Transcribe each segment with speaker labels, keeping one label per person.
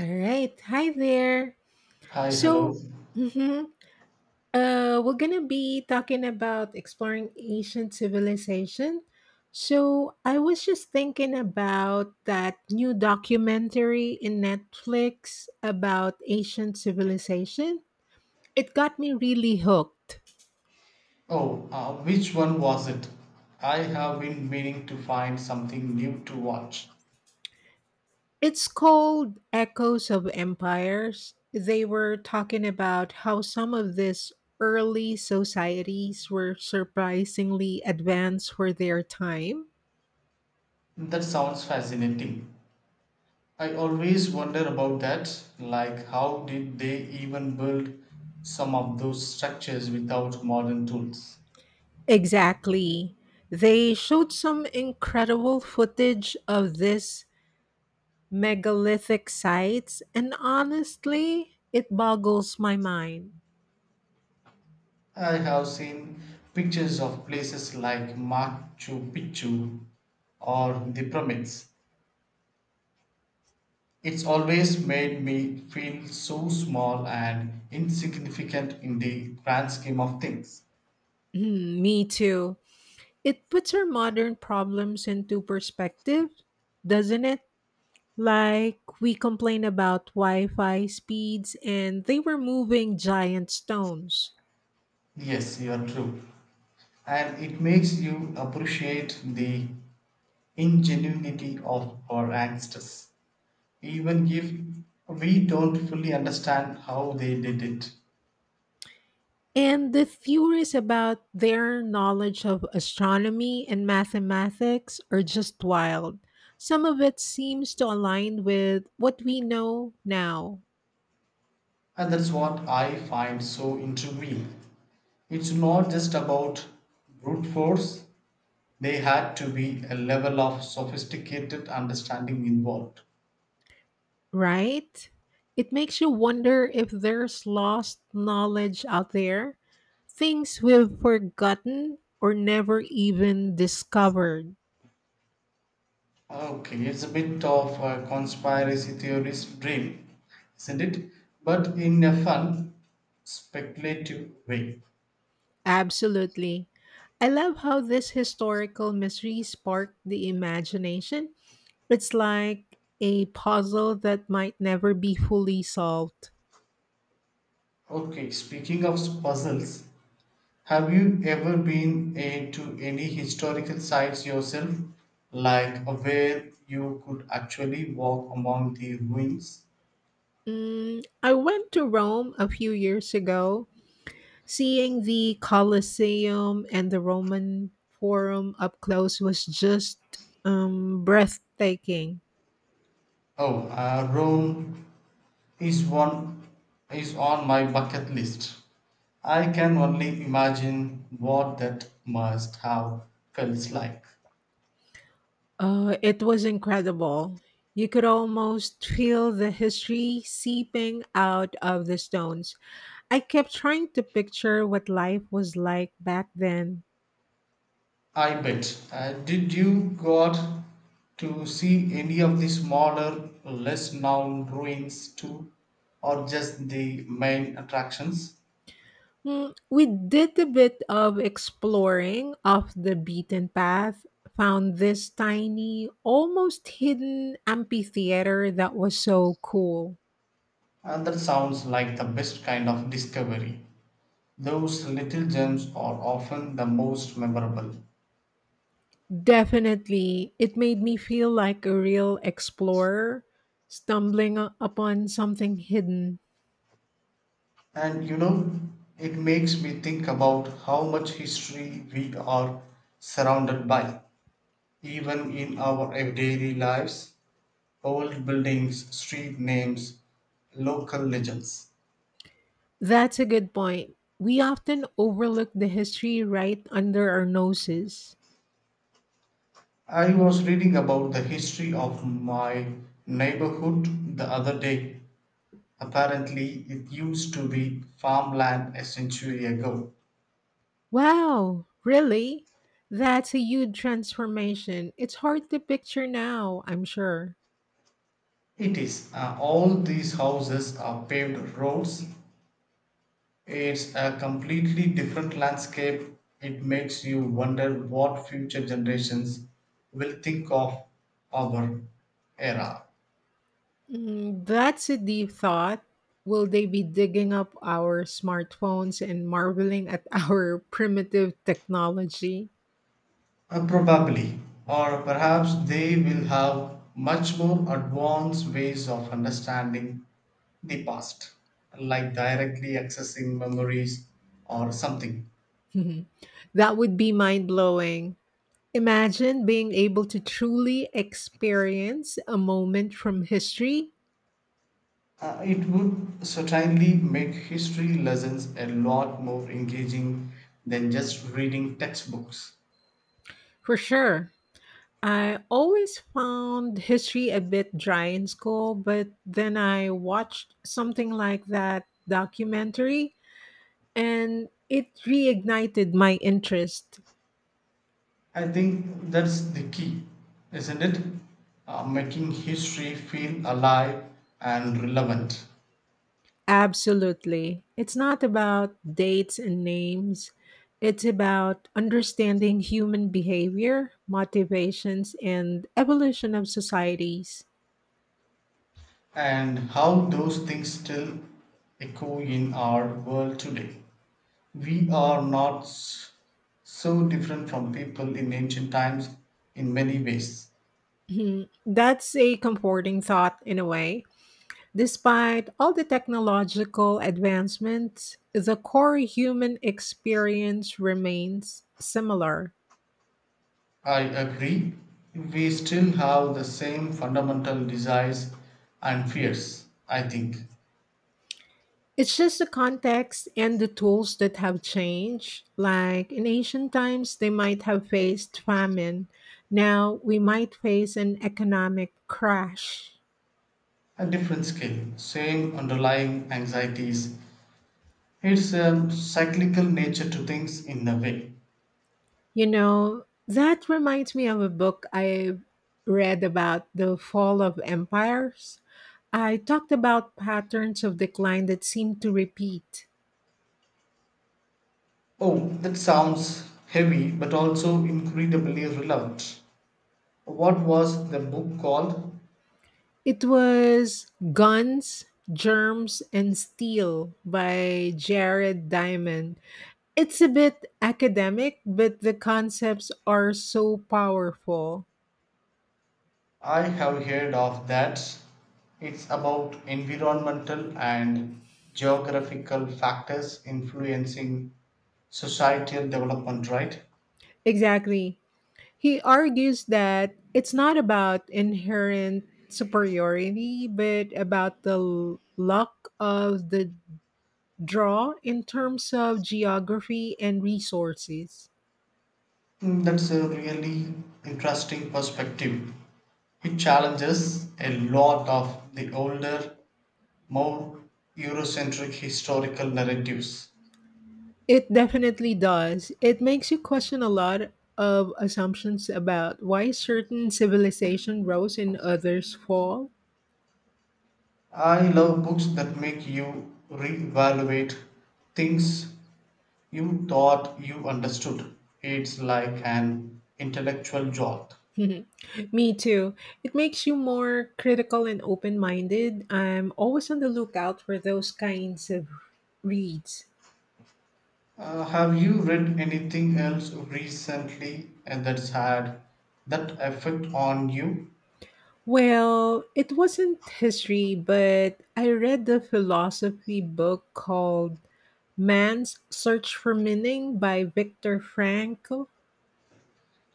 Speaker 1: All right. Hi there.
Speaker 2: Hi, hello.
Speaker 1: So, mhm, we're going to be talking about exploring ancient civilization. So, I was just thinking about that new documentary in Netflix about ancient civilization. It got me really hooked.
Speaker 2: Oh, which one was it? I have been meaning to find something new to watch.
Speaker 1: It's called Echoes of Empires. They were talking about how some of these early societies were surprisingly advanced for their time.
Speaker 2: That sounds fascinating. I always wonder about that. Like, how did they even build some of those structures without modern tools?
Speaker 1: Exactly. They showed some incredible footage of these megalithic sites, and honestly, it boggles my mind.
Speaker 2: I have seen pictures of places like Machu Picchu or the pyramids. It's always made me feel so small and insignificant in the grand scheme of things.
Speaker 1: Hmm, me too. It puts our modern problems into perspective, doesn't it? Like, we complain about Wi Fi speeds and they were moving giant stones.
Speaker 2: Yes, you are true. And it makes you appreciate the ingenuity of our ancestors, even if we don't fully understand how they did it.
Speaker 1: And the theories about their knowledge of astronomy and mathematics are just wild. Some of it seems to align with what we know now.
Speaker 2: And that's what I find so intriguing. It's not just about brute force. They had to be a level of sophisticated understanding involved.
Speaker 1: Right? It makes you wonder if there's lost knowledge out there, things we've forgotten or never even discovered.
Speaker 2: Okay, it's a bit of a conspiracy theorist dream, isn't it? But in a fun, speculative way.
Speaker 1: Absolutely. I love how this historical mystery sparked the imagination. It's like a puzzle that might never be fully solved.
Speaker 2: Okay, speaking of puzzles, have you ever been to any historical sites yourself? Like where you could actually walk among the ruins?
Speaker 1: Mm, I went to Rome a few years ago. Seeing the Colosseum and the Roman Forum up close was just breathtaking.
Speaker 2: Oh, Rome is one is on my bucket list. I can only imagine what that must have felt like.
Speaker 1: It was incredible. You could almost feel the history seeping out of the stones. I kept trying to picture what life was like back then.
Speaker 2: I bet. Did you go out to see any of the smaller, less known ruins too, or just the main attractions?
Speaker 1: Mm, we did a bit of exploring off the beaten path, found this tiny, almost hidden amphitheater that was so cool.
Speaker 2: And that sounds like the best kind of discovery. Those little gems are often the most memorable.
Speaker 1: Definitely, it made me feel like a real explorer stumbling upon something hidden.
Speaker 2: And you know, it makes me think about how much history we are surrounded by, even in our everyday lives: old buildings, street names, local legends.
Speaker 1: That's a good point. We often overlook the history right under our noses.
Speaker 2: I was reading about the history of my neighborhood the other day. Apparently, it used to be farmland a century ago.
Speaker 1: Wow, really? That's a huge transformation. It's hard to picture now, I'm sure.
Speaker 2: It is. All these houses are paved roads. It's a completely different landscape. It makes you wonder what future generations will think of our era.
Speaker 1: Mm, that's a deep thought. Will they be digging up our smartphones and marveling at our primitive technology?
Speaker 2: Probably, or perhaps they will have much more advanced ways of understanding the past, like directly accessing memories or something.
Speaker 1: That would be mind blowing. Imagine being able to truly experience a moment from history.
Speaker 2: It would certainly make history lessons a lot more engaging than just reading textbooks.
Speaker 1: For sure. I always found history a bit dry in school, but then I watched something like that documentary and it reignited my interest.
Speaker 2: I think that's the key, isn't it? Making history feel alive and relevant,
Speaker 1: Absolutely. It's not about dates and names, it's about understanding human behavior, motivations, and evolution of societies.
Speaker 2: and how those things still echo in our world today. We are not so different from people in ancient times in many ways.
Speaker 1: That's a comforting thought in a way. Despite all the technological advancements, the core human experience remains similar.
Speaker 2: I agree, we still have the same fundamental desires and fears, I think.
Speaker 1: It's just the context and the tools that have changed. Like in ancient times, they might have faced famine. Now we might face an economic crash.
Speaker 2: A different scale, same underlying anxieties. It's a cyclical nature to things in a way.
Speaker 1: You know, that reminds me of a book I read about the fall of empires. I talked about patterns of decline that seemed to repeat.
Speaker 2: Oh, that sounds heavy but also incredibly relevant. What was the book called?
Speaker 1: It was Guns, Germs, and Steel by Jared Diamond. It's a bit academic, but the concepts are so powerful.
Speaker 2: I have heard of that. It's about environmental and geographical factors influencing societal development, right?
Speaker 1: Exactly. He argues that it's not about inherent superiority, but about the luck of the draw in terms of geography and resources.
Speaker 2: Mm, that's a really interesting perspective. It challenges a lot of the older, more Eurocentric historical narratives.
Speaker 1: It definitely does. It makes you question a lot of assumptions about why certain civilization rose and others fall.
Speaker 2: I love books that make you reevaluate things you thought you understood. It's like an intellectual jolt.
Speaker 1: Me too. It makes you more critical and open minded. I'm always on the lookout for those kinds of reads.
Speaker 2: Have you read anything else recently and that's had that effect on you?
Speaker 1: Well, it wasn't history, but I read the philosophy book called Man's Search for Meaning by Viktor Frankl.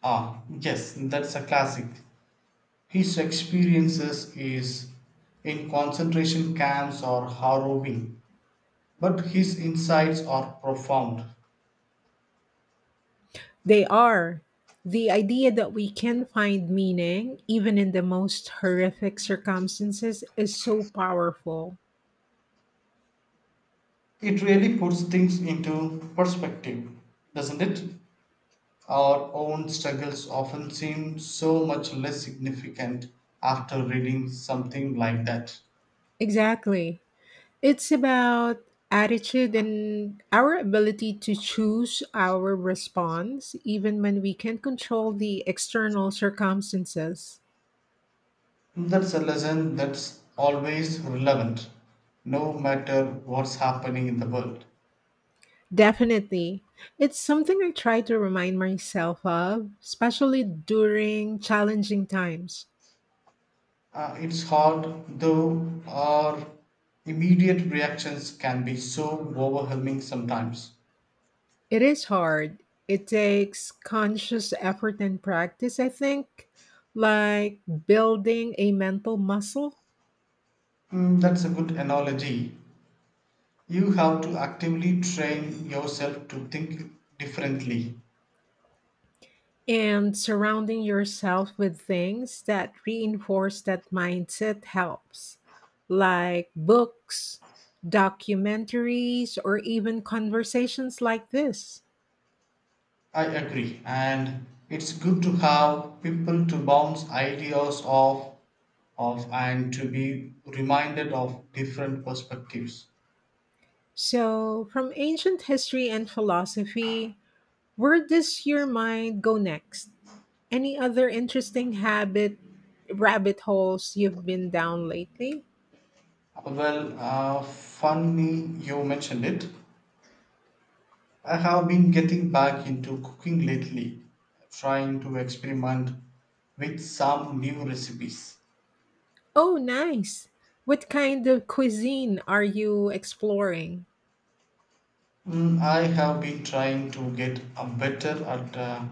Speaker 2: Ah, yes, that's a classic. His experiences is in concentration camps or harrowing, but his insights are profound.
Speaker 1: They are the idea that we can find meaning even in the most horrific circumstances is so powerful.
Speaker 2: It really puts things into perspective, doesn't it? Our own struggles often seem so much less significant after reading something like that.
Speaker 1: Exactly. It's about attitude and our ability to choose our response even when we can't control the external circumstances.
Speaker 2: That's a lesson that's always relevant, no matter what's happening in the world.
Speaker 1: Definitely. It's something I try to remind myself of, especially during challenging times.
Speaker 2: It's hard, though, our immediate reactions can be so overwhelming sometimes.
Speaker 1: It is hard. It takes conscious effort and practice, I think, like building a mental muscle
Speaker 2: Mm, that's a good analogy. You have to actively train yourself to think differently.
Speaker 1: and surrounding yourself with things that reinforce that mindset helps, like books, documentaries, or even conversations like this.
Speaker 2: I agree. And it's good to have people to bounce ideas off of and to be reminded of different perspectives.
Speaker 1: So, from ancient history and philosophy, where does your mind go next? Any other interesting habit rabbit holes you've been down lately?
Speaker 2: Well, funny you mentioned it. I have been getting back into cooking lately, trying to experiment with some new recipes.
Speaker 1: Oh, nice. What kind of cuisine are you exploring?
Speaker 2: Mm, I have been trying to get better at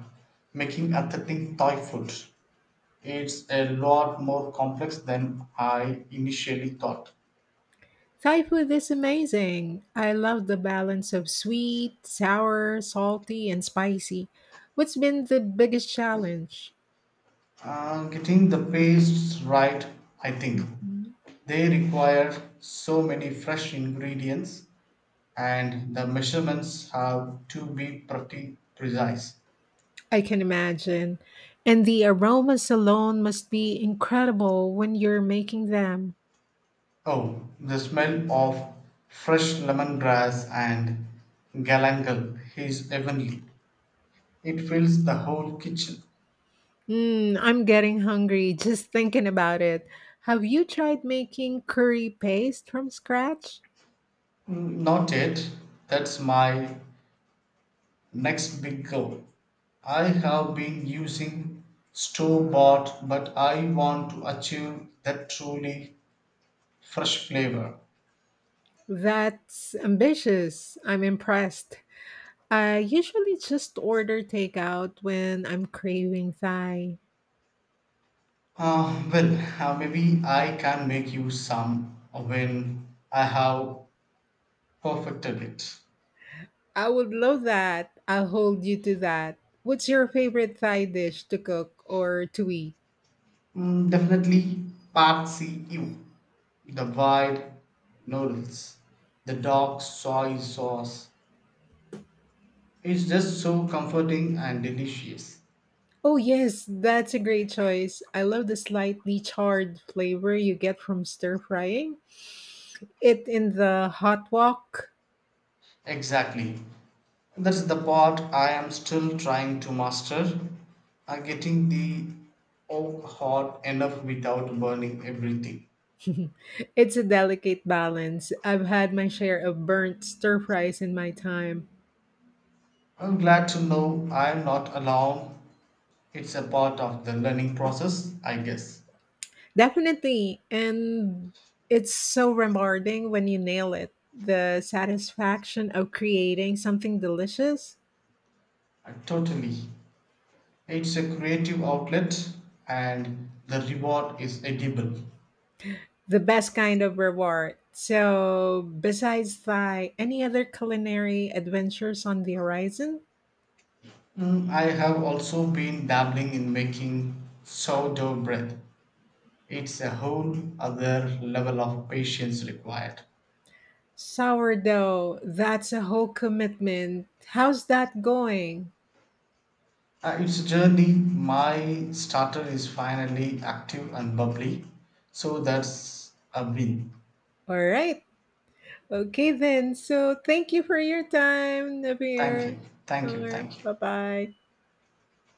Speaker 2: making authentic Thai food. It's a lot more complex than I initially thought.
Speaker 1: Thai food is amazing. I love the balance of sweet, sour, salty, and spicy. What's been the biggest challenge?
Speaker 2: Getting the pastes right, I think.
Speaker 1: Mhm.
Speaker 2: They require so many fresh ingredients, and the measurements have to be pretty precise.
Speaker 1: I can imagine. And the aromas alone must be incredible when you're making them.
Speaker 2: Oh, the smell of fresh lemongrass and galangal is heavenly. It fills the whole kitchen.
Speaker 1: Mm, I'm getting hungry just thinking about it. Have you tried making curry paste from scratch?
Speaker 2: Not yet. That's my next big goal. I have been using store bought, but I want to achieve that truly fresh flavor.
Speaker 1: That's ambitious. I'm impressed. I usually just order takeout when I'm craving Thai.
Speaker 2: Uh, well, Maybe I can make you some when I have perfected it.
Speaker 1: I would love that. I'll hold you to that. What's your favorite Thai dish to cook or to eat?
Speaker 2: Mm, definitely Patsy you. The wide noodles, the dark soy sauce. It's just so comforting and delicious.
Speaker 1: Oh, yes, that's a great choice. I love the slightly charred flavor you get from stir frying it in the hot wok.
Speaker 2: Exactly. That's the part I am still trying to master. I'm getting the oak hot enough without burning everything.
Speaker 1: It's a delicate balance. I've had my share of burnt stir fries in my time.
Speaker 2: I'm glad to know I'm not alone. It's a part of the learning process, I guess.
Speaker 1: Definitely. And it's so rewarding when you nail it. The satisfaction of creating something delicious.
Speaker 2: Totally. It's a creative outlet and the reward is edible.
Speaker 1: The best kind of reward. So, besides Thai, any other culinary adventures on the horizon?
Speaker 2: Mm, I have also been dabbling in making sourdough bread. It's a whole other level of patience required.
Speaker 1: Sourdough, that's a whole commitment. How's that going?
Speaker 2: It's a journey. My starter is finally active and bubbly, so that's a win.
Speaker 1: All right. Okay, then. So, thank you for your time,
Speaker 2: Thank
Speaker 1: Nabir.
Speaker 2: you, thank you,
Speaker 1: Bye
Speaker 2: thank you.
Speaker 1: bye.